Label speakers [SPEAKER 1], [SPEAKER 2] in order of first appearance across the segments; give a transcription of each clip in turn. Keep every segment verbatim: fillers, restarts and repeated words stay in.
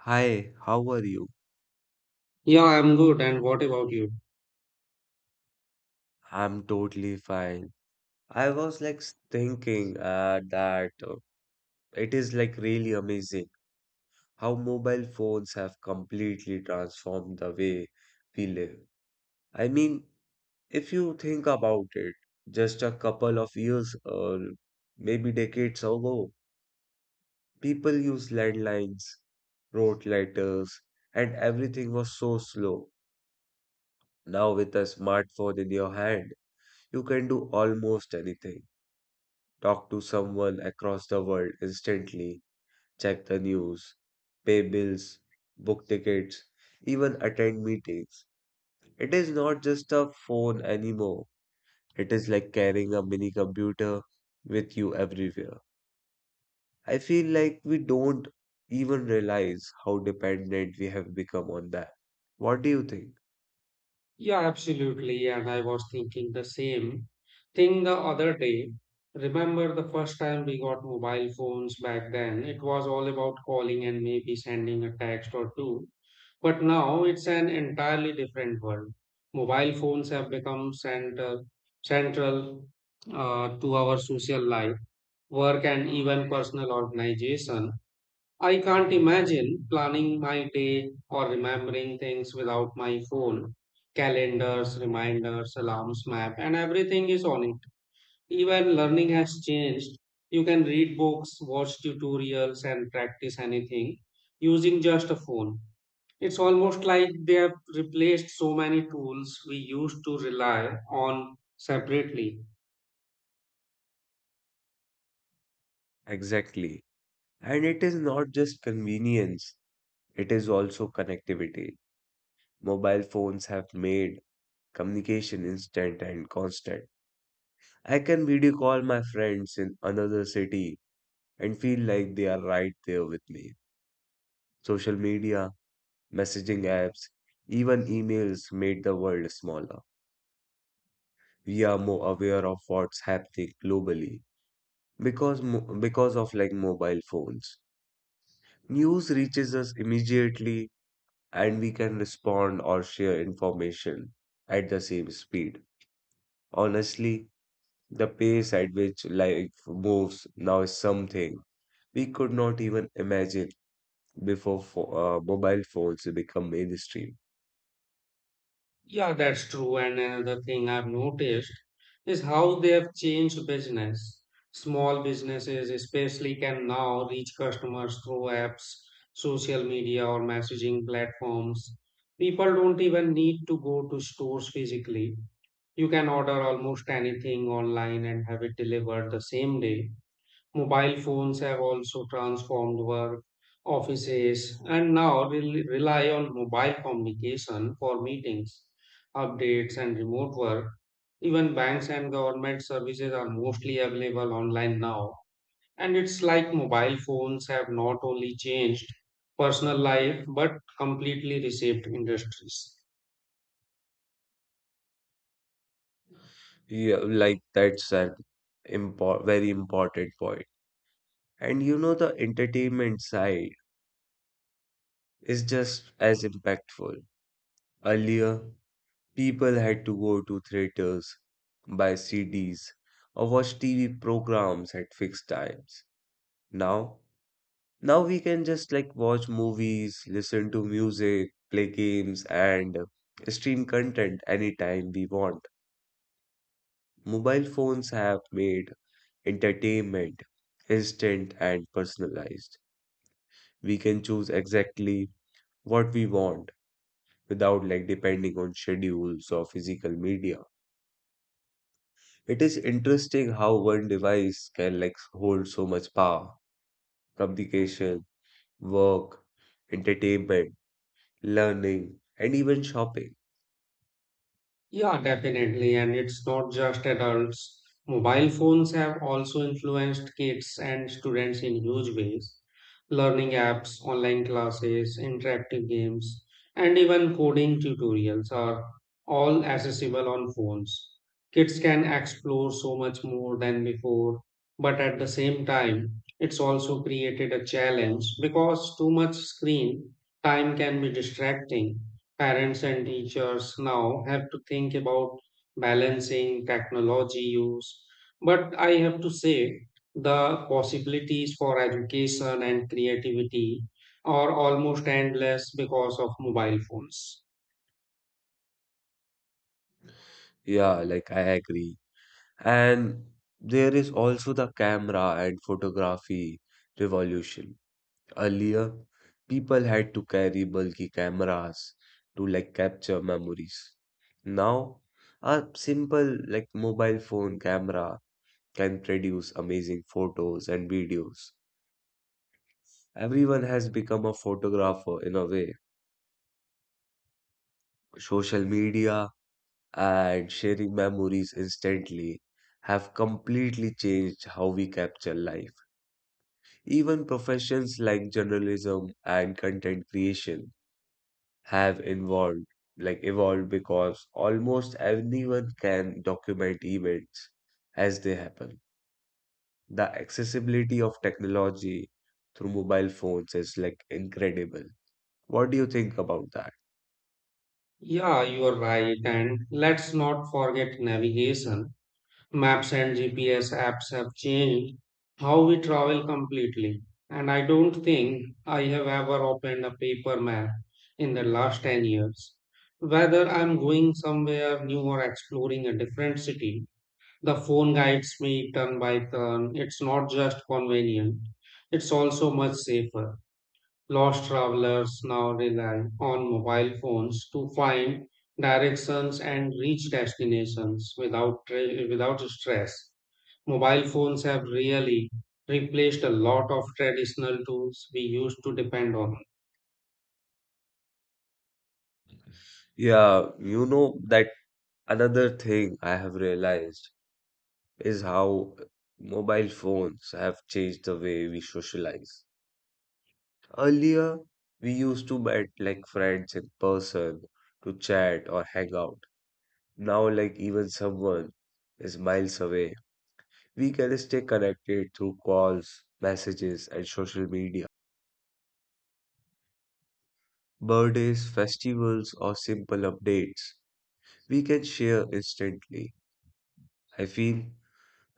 [SPEAKER 1] Hi, how are you?
[SPEAKER 2] Yeah, I'm good. And what about you?
[SPEAKER 1] I'm totally fine. I was like s- thinking uh, that uh, it is like really amazing how mobile phones have completely transformed the way we live. I mean, if you think about it, just a couple of years or maybe decades ago, people used landlines, wrote letters, and everything was so slow. Now, with a smartphone in your hand, you can do almost anything. Talk to someone across the world instantly, check the news, pay bills, book tickets, even attend meetings. It is not just a phone anymore. It is like carrying a mini computer with you everywhere. I feel like we don't even realize how dependent we have become on that. What do you think?
[SPEAKER 2] Yeah, absolutely. And I was thinking the same thing the other day. Remember the first time we got mobile phones back then? It was all about calling and maybe sending a text or two. But now it's an entirely different world. Mobile phones have become central, central uh, to our social life, work, and even personal organization. I can't imagine planning my day or remembering things without my phone. Calendars, reminders, alarms, map, and everything is on it. Even learning has changed. You can read books, watch tutorials, and practice anything using just a phone. It's almost like they have replaced so many tools we used to rely on separately.
[SPEAKER 1] Exactly. And it is not just convenience, it is also connectivity. Mobile phones have made communication instant and constant. I can video call my friends in another city and feel like they are right there with me. Social media, messaging apps, even emails made the world smaller. We are more aware of what's happening globally because mo- because of like mobile phones. News reaches us immediately and we can respond or share information at the same speed. Honestly, the pace at which life moves now is something we could not even imagine before pho- uh, mobile phones become mainstream.
[SPEAKER 2] Yeah, that's true. And another thing I've noticed is how they have changed business. Small businesses, especially, can now reach customers through apps, social media, or messaging platforms. People don't even need to go to stores physically. You can order almost anything online and have it delivered the same day. Mobile phones have also transformed work, offices, and now rel- rely on mobile communication for meetings, updates, and remote work. Even banks and government services are mostly available online now. And it's like mobile phones have not only changed personal life but completely reshaped industries.
[SPEAKER 1] Yeah, like that's an impor very important point. And you know, the entertainment side is just as impactful. Earlier, people had to go to theaters, buy C Ds, or watch T V programs at fixed times. Now, Now we can just like watch movies, listen to music, play games, and uh, stream content anytime we want. Mobile phones have made entertainment instant and personalized. We can choose exactly what we want without like depending on schedules or physical media. It is interesting how one device can like hold so much power, communication, work, entertainment, learning, and even shopping.
[SPEAKER 2] Yeah, definitely. And it's not just adults. Mobile phones have also influenced kids and students in huge ways. Learning apps, online classes, interactive games, and even coding tutorials are all accessible on phones. Kids can explore so much more than before, but at the same time, it's also created a challenge because too much screen time can be distracting. Parents and teachers now have to think about balancing technology use. But I have to say, the possibilities for education and creativity are almost endless because of mobile phones.
[SPEAKER 1] Yeah, like I agree. And there is also the camera and photography revolution. Earlier, people had to carry bulky cameras to like capture memories. Now, a simple like mobile phone camera can produce amazing photos and videos. Everyone has become a photographer in a way. Social media and sharing memories instantly have completely changed how we capture life. Even professions like journalism and content creation have involved, like evolved because almost anyone can document events as they happen. The accessibility of technology through mobile phones is like incredible. What do you think about that?
[SPEAKER 2] Yeah, you are right. And let's not forget navigation. Maps and G P S apps have changed how we travel completely. And I don't think I have ever opened a paper map in the last ten years. Whether I'm going somewhere new or exploring a different city, the phone guides me turn by turn. It's not just convenient, it's also much safer. Lost travelers now rely on mobile phones to find directions and reach destinations without tra- without stress. Mobile phones have really replaced a lot of traditional tools we used to depend on.
[SPEAKER 1] Yeah, you know that another thing I have realized is how mobile phones have changed the way we socialize. Earlier, we used to meet like friends in person to chat or hang out. Now, like even someone is miles away, we can stay connected through calls, messages, and social media. Birthdays, festivals, or simple updates we can share instantly. I feel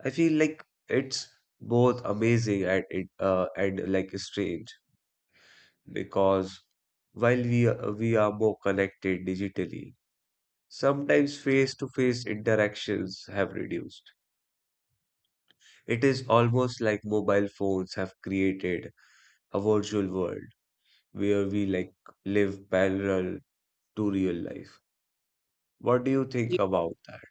[SPEAKER 1] I feel like it's both amazing and it- uh, and like strange because while we are, we are more connected digitally, sometimes face-to-face interactions have reduced. It is almost like mobile phones have created a virtual world where we like live parallel to real life. What do you think about that?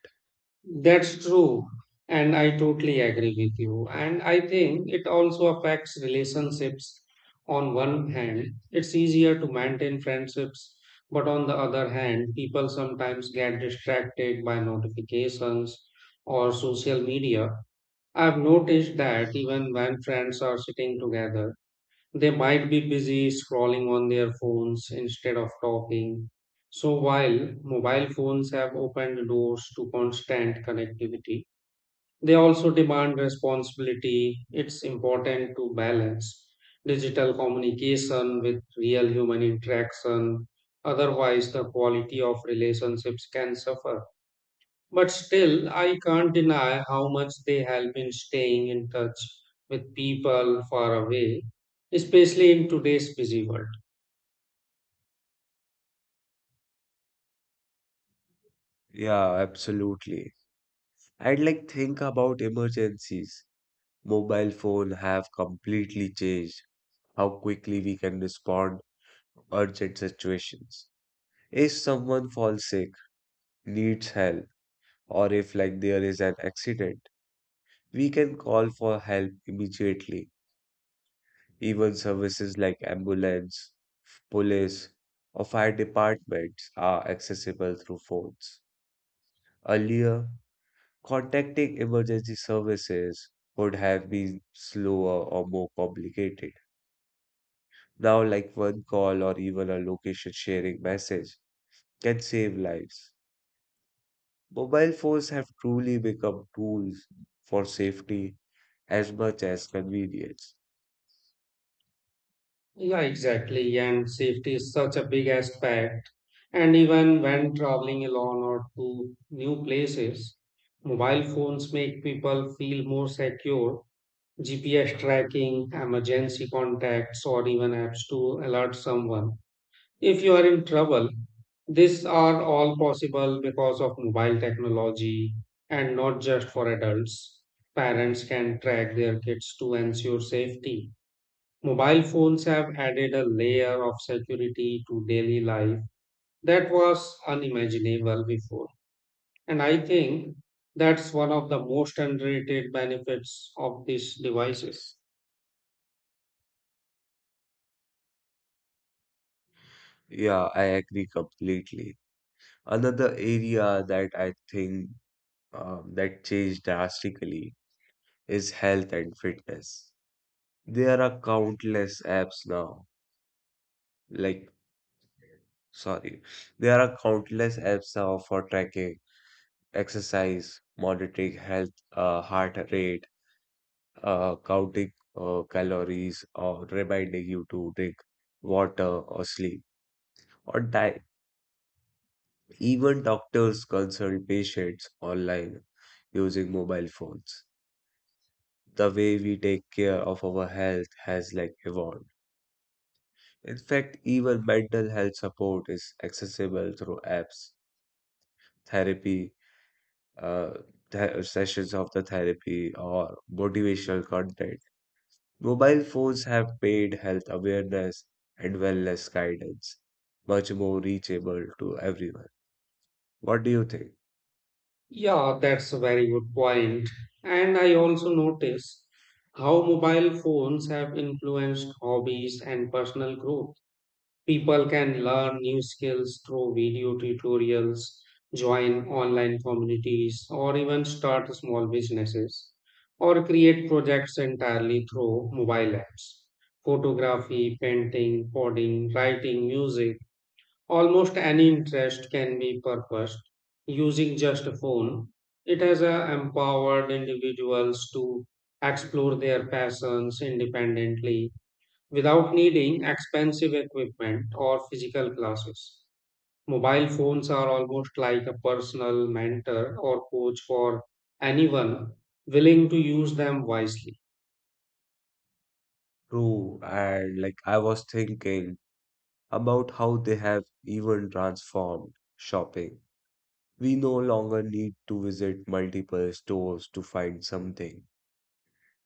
[SPEAKER 2] That's true. And I totally agree with you. And I think it also affects relationships. On one hand, it's easier to maintain friendships, but on the other hand, people sometimes get distracted by notifications or social media. I've noticed that even when friends are sitting together, they might be busy scrolling on their phones instead of talking. So, while mobile phones have opened doors to constant connectivity, they also demand responsibility. It's important to balance digital communication with real human interaction. Otherwise, the quality of relationships can suffer. But still, I can't deny how much they have been staying in touch with people far away, especially in today's busy world.
[SPEAKER 1] Yeah, absolutely. And like think about emergencies. Mobile phone have completely changed how quickly we can respond to urgent situations. If someone falls sick, needs help, or if like there is an accident, we can call for help immediately. Even services like ambulance, police, or fire departments are accessible through phones. Earlier, contacting emergency services would have been slower or more complicated. Now, like one call or even a location sharing message can save lives. Mobile phones have truly become tools for safety as much as convenience.
[SPEAKER 2] Yeah, exactly. And safety is such a big aspect. And even when traveling alone or to new places, mobile phones make people feel more secure. G P S tracking, emergency contacts, or even apps to alert someone if you are in trouble, these are all possible because of mobile technology, and not just for adults. Parents can track their kids to ensure safety. Mobile phones have added a layer of security to daily life that was unimaginable before. And I think that's one of the most underrated benefits of these devices.
[SPEAKER 1] Yeah, I agree completely. Another area that I think um, that changed drastically is health and fitness. There are countless apps now, like, sorry, there are countless apps now for tracking exercise, monitoring health, uh, heart rate, uh, counting uh, calories or reminding you to drink water or sleep or diet. Even doctors consult patients online using mobile phones. The way we take care of our health has like evolved. In fact, even mental health support is accessible through apps, therapy, uh, th- sessions of the therapy, or motivational content. Mobile phones have made health awareness and wellness guidance much more reachable to everyone. What do you think?
[SPEAKER 2] Yeah, that's a very good point. And I also notice how mobile phones have influenced hobbies and personal growth. People can learn new skills through video tutorials, join online communities, or even start small businesses, or create projects entirely through mobile apps. Photography, painting, coding, writing, music. Almost any interest can be purposed using just a phone. It has uh, empowered individuals to explore their passions independently without needing expensive equipment or physical classes. Mobile phones are almost like a personal mentor or coach for anyone willing to use them wisely.
[SPEAKER 1] True, and like I was thinking about how they have even transformed shopping. We no longer need to visit multiple stores to find something.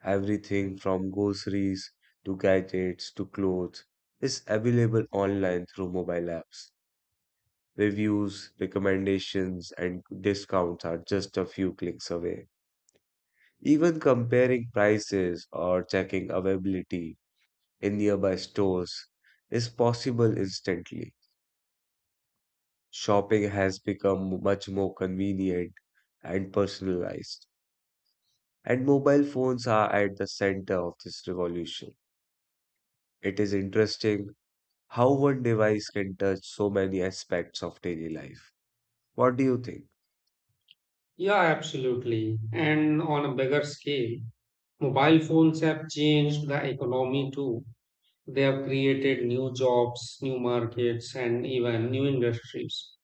[SPEAKER 1] Everything from groceries to gadgets to clothes is available online through mobile apps. Reviews, recommendations, and discounts are just a few clicks away. Even comparing prices or checking availability in nearby stores is possible instantly. Shopping has become much more convenient and personalized, and mobile phones are at the center of this revolution. It is interesting how one device can touch so many aspects of daily life. What do you think?
[SPEAKER 2] Yeah, absolutely. And on a bigger scale, mobile phones have changed the economy too. They have created new jobs, new markets, and even new industries.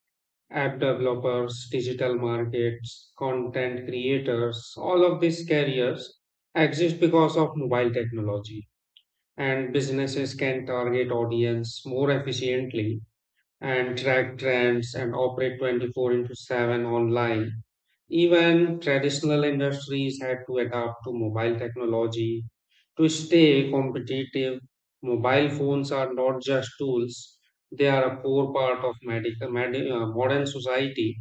[SPEAKER 2] App developers, digital markets, content creators, all of these careers exist because of mobile technology. And businesses can target audience more efficiently and track trends and operate twenty-four into seven online. Even traditional industries had to adapt to mobile technology to stay competitive. Mobile phones are not just tools, they are a core part of medical, medi- uh, modern society,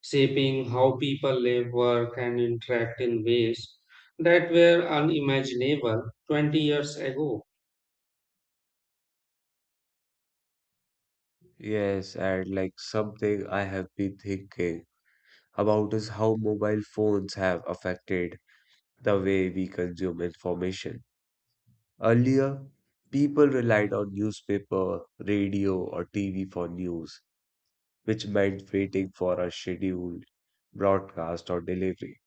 [SPEAKER 2] shaping how people live, work, and interact in ways that were unimaginable twenty years ago.
[SPEAKER 1] Yes, and like something I have been thinking about is how mobile phones have affected the way we consume information. Earlier, people relied on newspaper, radio, or T V for news, which meant waiting for a scheduled broadcast or delivery.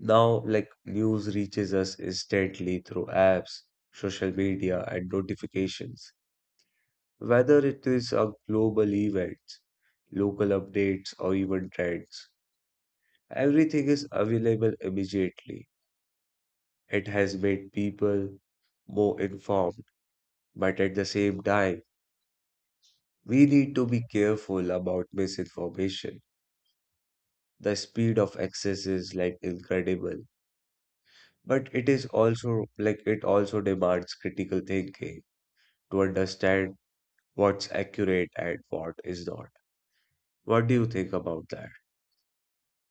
[SPEAKER 1] Now, like news reaches us instantly through apps, social media, and notifications, whether it is a global events, local updates, or even trends. Everything is available immediately. It has made people more informed, but at the same time, we need to be careful about misinformation. The speed of access is like incredible, but it is also like it also demands critical thinking to understand what's accurate and what is not. What do you think about that?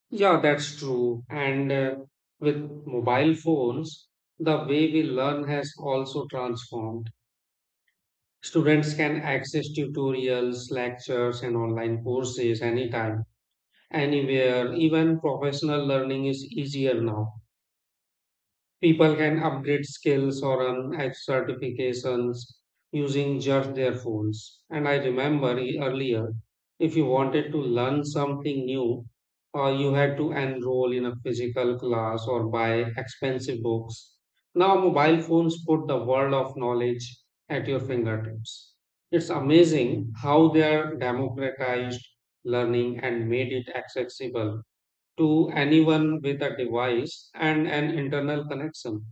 [SPEAKER 2] Yeah, that's true. And uh, with mobile phones, the way we learn has also transformed. Students can access tutorials, lectures, and online courses anytime, anywhere. Even professional learning is easier now. People can upgrade skills or earn ex- certifications using just their phones. And I remember e- earlier, if you wanted to learn something new, uh, you had to enroll in a physical class or buy expensive books. Now, mobile phones put the world of knowledge at your fingertips. It's amazing how they are democratized learning and made it accessible to anyone with a device and an internal connection.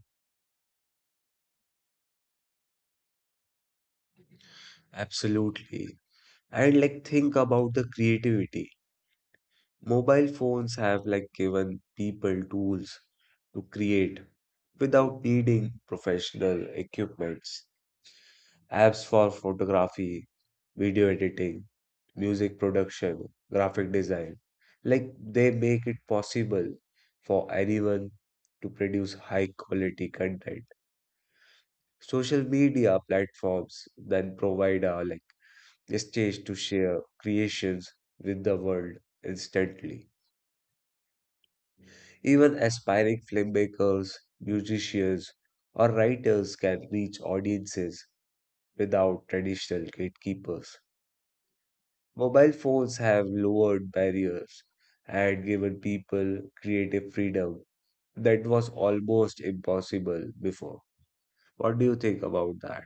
[SPEAKER 1] Absolutely. And like think about the creativity. Mobile phones have like given people tools to create without needing professional equipments. Apps for photography, video editing, music production, graphic design. Like they make it possible for anyone to produce high quality content. Social media platforms then provide a like a stage to share creations with the world instantly. Even aspiring filmmakers, musicians, or writers can reach audiences without traditional gatekeepers. Mobile phones have lowered barriers and given people creative freedom that was almost impossible before. What do you think about that?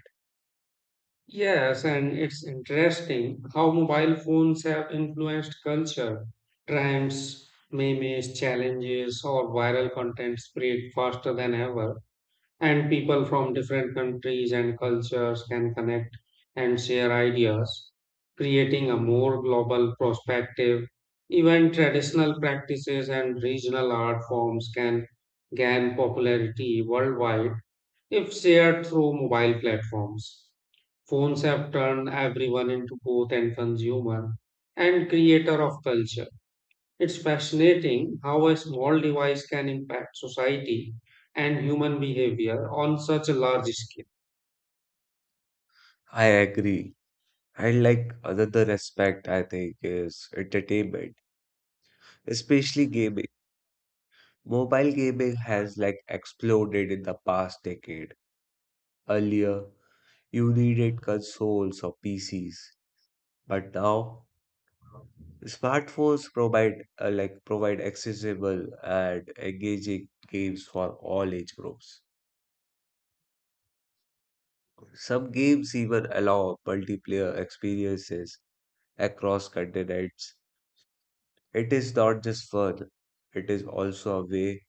[SPEAKER 2] Yes, and it's interesting how mobile phones have influenced culture. Trends, memes, challenges, or viral content spread faster than ever, and people from different countries and cultures can connect and share ideas, creating a more global perspective. Even traditional practices and regional art forms can gain popularity worldwide if shared through mobile platforms. Phones have turned everyone into both an consumer and creator of culture. It's fascinating how a small device can impact society and human behavior on such a large scale.
[SPEAKER 1] I agree. And like another aspect, I think is entertainment, especially gaming. Mobile gaming has like exploded in the past decade. Earlier, you needed consoles or P Cs, but now smartphones provide uh, like provide accessible and engaging games for all age groups. Some games even allow multiplayer experiences across continents. It is not just fun, it is also a way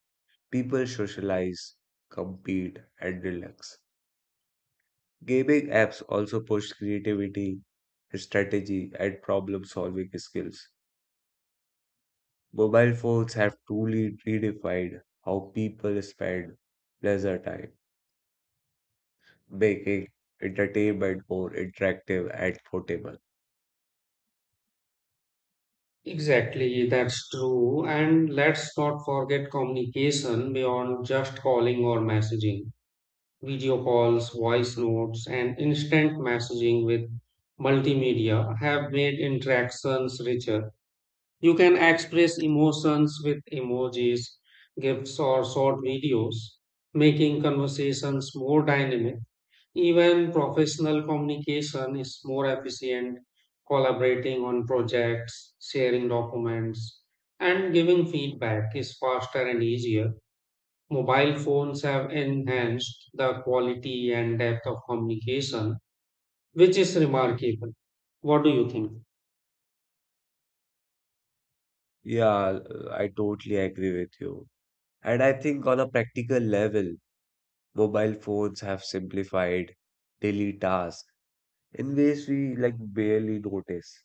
[SPEAKER 1] people socialize, compete, and relax. Gaming apps also push creativity, strategy, and problem solving skills. Mobile phones have truly redefined how people spend leisure time, making entertainment more interactive and portable.
[SPEAKER 2] Exactly, that's true. And let's not forget communication beyond just calling or messaging. Video calls, voice notes, and instant messaging with multimedia have made interactions richer. You can express emotions with emojis, gifs, or short videos, making conversations more dynamic. Even professional communication is more efficient, collaborating on projects, sharing documents, and giving feedback is faster and easier. Mobile phones have enhanced the quality and depth of communication, which is remarkable. What do you think?
[SPEAKER 1] Yeah, I totally agree with you. And I think on a practical level, mobile phones have simplified daily tasks in ways we like barely notice.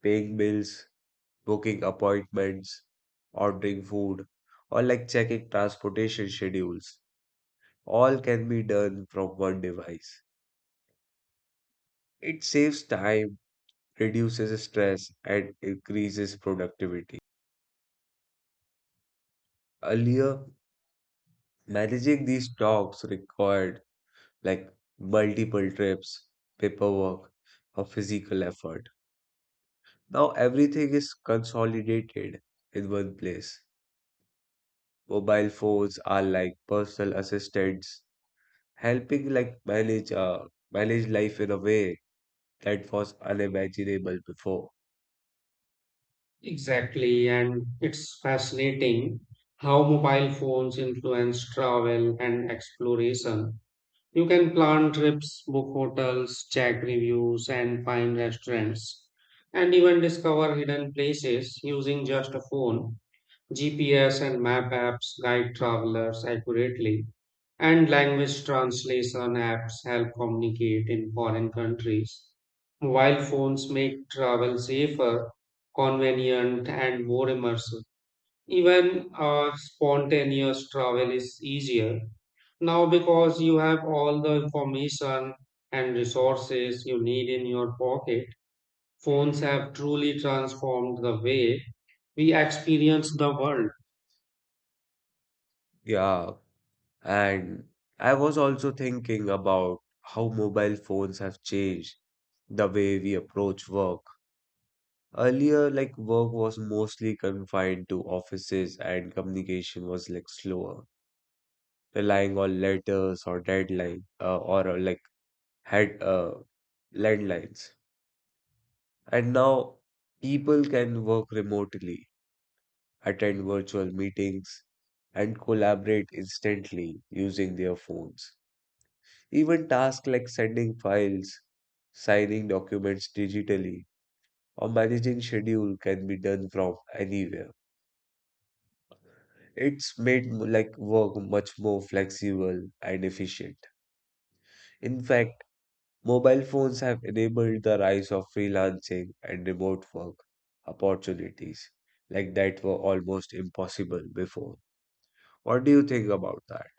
[SPEAKER 1] Paying bills, booking appointments, ordering food, or like checking transportation schedules. All can be done from one device. It saves time, reduces stress, and increases productivity. Earlier, managing these talks required like multiple trips, paperwork, or physical effort. Now everything is consolidated in one place. Mobile phones are like personal assistants helping like manage uh, manage life in a way that was unimaginable before.
[SPEAKER 2] Exactly, and it's fascinating how mobile phones influence travel and exploration. You can plan trips, book hotels, check reviews, and find restaurants, and even discover hidden places using just a phone. G P S and map apps guide travelers accurately, and language translation apps help communicate in foreign countries. Mobile phones make travel safer, convenient, and more immersive. Even uh, spontaneous travel is easier now because you have all the information and resources you need in your pocket. Phones have truly transformed the way we experience the world.
[SPEAKER 1] Yeah, and I was also thinking about how mobile phones have changed the way we approach work. Earlier, like work was mostly confined to offices and communication was like slower, relying on letters or deadline uh, or uh, like had uh, landlines. And now people can work remotely attend virtual meetings, and collaborate instantly using their phones. Even tasks like sending files, signing documents digitally, or managing schedule can be done from anywhere. It's made m- like work much more flexible and efficient. In fact, mobile phones have enabled the rise of freelancing and remote work opportunities like that were almost impossible before. What do you think about that?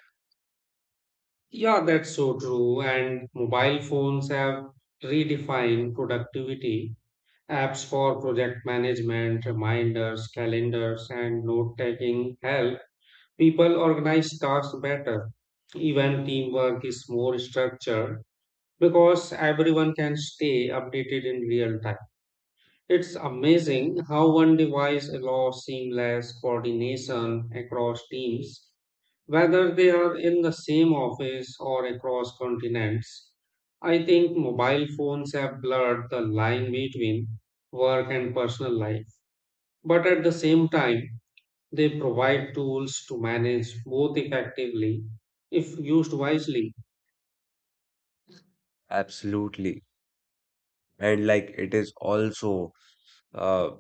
[SPEAKER 2] Yeah, that's so true. And mobile phones have redefined productivity. Apps for project management, reminders, calendars, and note taking help people organize tasks better. Even teamwork is more structured because everyone can stay updated in real time. It's amazing how one device allows seamless coordination across teams, whether they are in the same office or across continents. I think mobile phones have blurred the line between work and personal life. But at the same time, they provide tools to manage both effectively if used wisely.
[SPEAKER 1] Absolutely. And like it is also uh,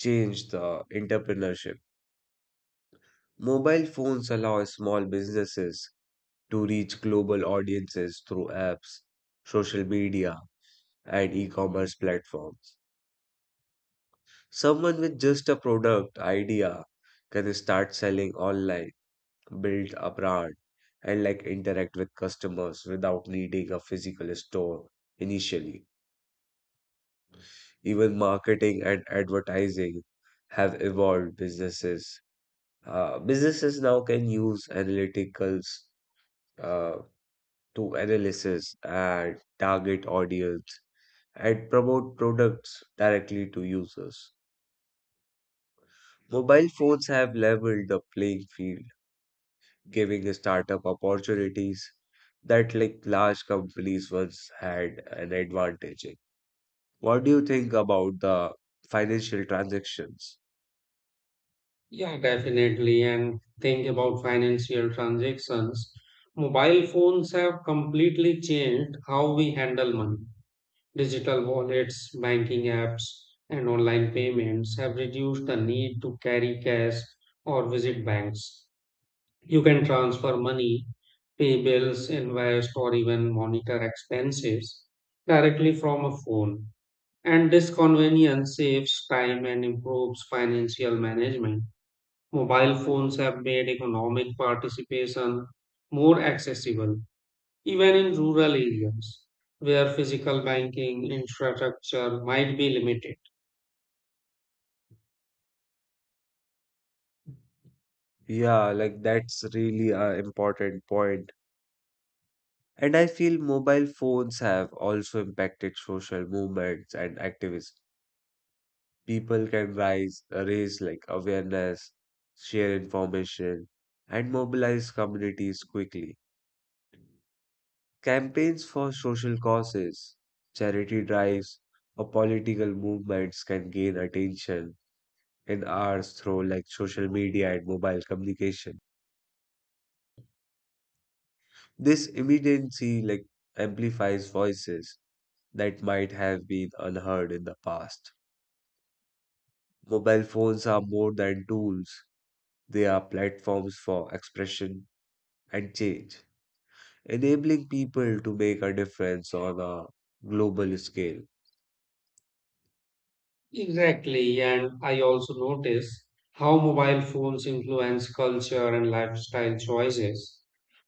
[SPEAKER 1] changed the entrepreneurship. Mobile phones allow small businesses to reach global audiences through apps, social media, and e-commerce platforms. Someone with just a product idea can start selling online, build a brand, and like interact with customers without needing a physical store initially. Even marketing and advertising have evolved businesses. Uh, businesses now can use analyticals uh, to analysis and target audience and promote products directly to users. Mobile phones have leveled the playing field, giving startup opportunities that like large companies once had an advantage in. What do you think about the financial transactions?
[SPEAKER 2] Yeah, definitely. And think about financial transactions. Mobile phones have completely changed how we handle money. Digital wallets, banking apps, and online payments have reduced the need to carry cash or visit banks. You can transfer money, pay bills, invest, or even monitor expenses directly from a phone. And this convenience saves time and improves financial management. Mobile phones have made economic participation more accessible, even in rural areas where physical banking infrastructure might be limited.
[SPEAKER 1] Yeah, like that's really an important point. And I feel mobile phones have also impacted social movements and activism. People can rise, raise like awareness, share information, and mobilize communities quickly. Campaigns for social causes, charity drives, or political movements can gain attention in hours through like social media and mobile communication. This immediacy like amplifies voices that might have been unheard in the past. Mobile phones are more than tools, they are platforms for expression and change, enabling people to make a difference on a global scale.
[SPEAKER 2] Exactly, and I also notice how mobile phones influence culture and lifestyle choices,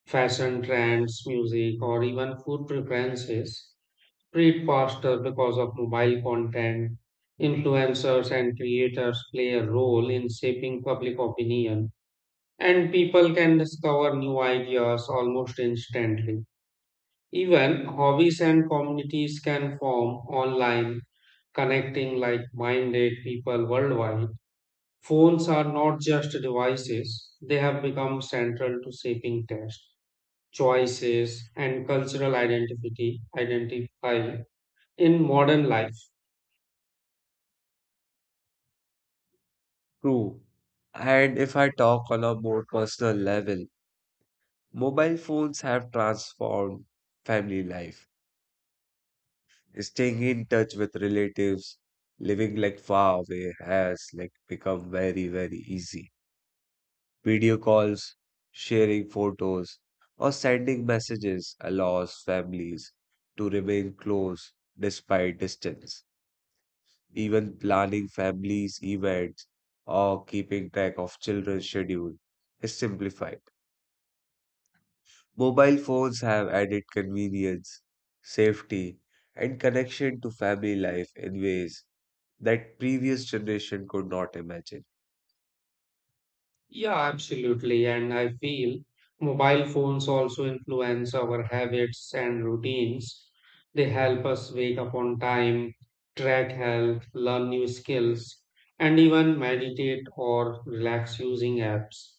[SPEAKER 2] fashion trends, music, or even food preferences spread faster because of mobile content. Influencers and creators play a role in shaping public opinion, and people can discover new ideas almost instantly. Even hobbies and communities can form online, connecting like minded people worldwide. Phones are not just devices, they have become central to shaping taste, choices, and cultural identity identify in modern life.
[SPEAKER 1] True. And if I talk on a more personal level, mobile phones have transformed family life. Staying in touch with relatives, living like far away has like become very, very easy. Video calls, sharing photos, or sending messages allows families to remain close despite distance. Even planning families' events or keeping track of children's schedule is simplified. Mobile phones have added convenience, safety, and connection to family life in ways that previous generation could not imagine.
[SPEAKER 2] Yeah, absolutely. And I feel mobile phones also influence our habits and routines. They help us wake up on time, track health, learn new skills, and even meditate or relax using apps.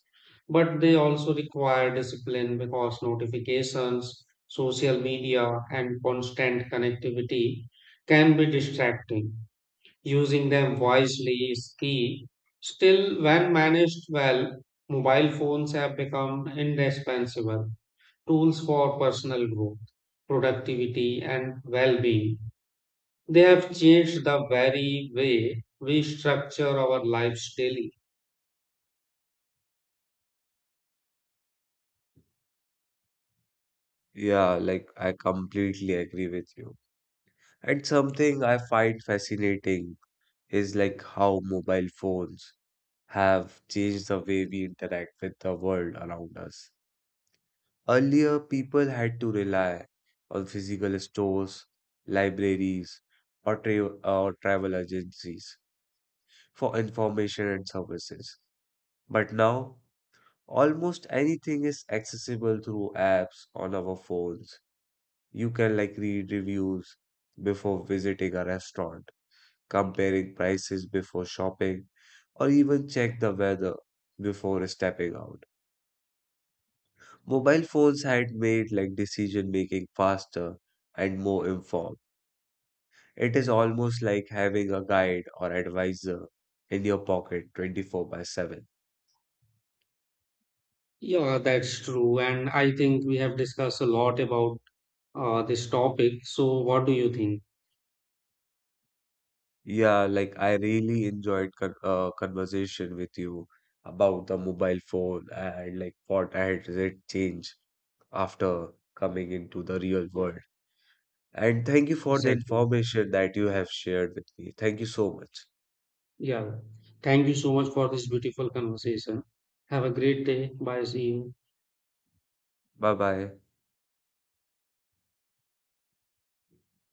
[SPEAKER 2] But they also require discipline because notifications, social media, and constant connectivity can be distracting. Using them wisely is key. Still, when managed well, mobile phones have become indispensable tools for personal growth, productivity, and well being. They have changed the very way we structure our lives daily.
[SPEAKER 1] Yeah, like I completely agree with you. And something I find fascinating is like how mobile phones have changed the way we interact with the world around us. Earlier, people had to rely on physical stores, libraries, or, tra- or travel agencies for information and services. But now, almost anything is accessible through apps on our phones. You can like read reviews before visiting a restaurant comparing prices before shopping, or even check the weather before stepping out. Mobile phones had made like decision making faster and more informed. It is almost like having a guide or advisor in your pocket twenty-four by seven.
[SPEAKER 2] Yeah, that's true. And I think we have discussed a lot about uh, this topic. So, what do you think?
[SPEAKER 1] Yeah, like I really enjoyed con uh, conversation with you about the mobile phone and like what had it changed after coming into the real world. And thank you for the
[SPEAKER 2] Exactly.
[SPEAKER 1] information that you have shared with me. Thank you so much.
[SPEAKER 2] Yeah. Thank you so much for this beautiful conversation. Have a great day. Bye. See you.
[SPEAKER 1] Bye bye.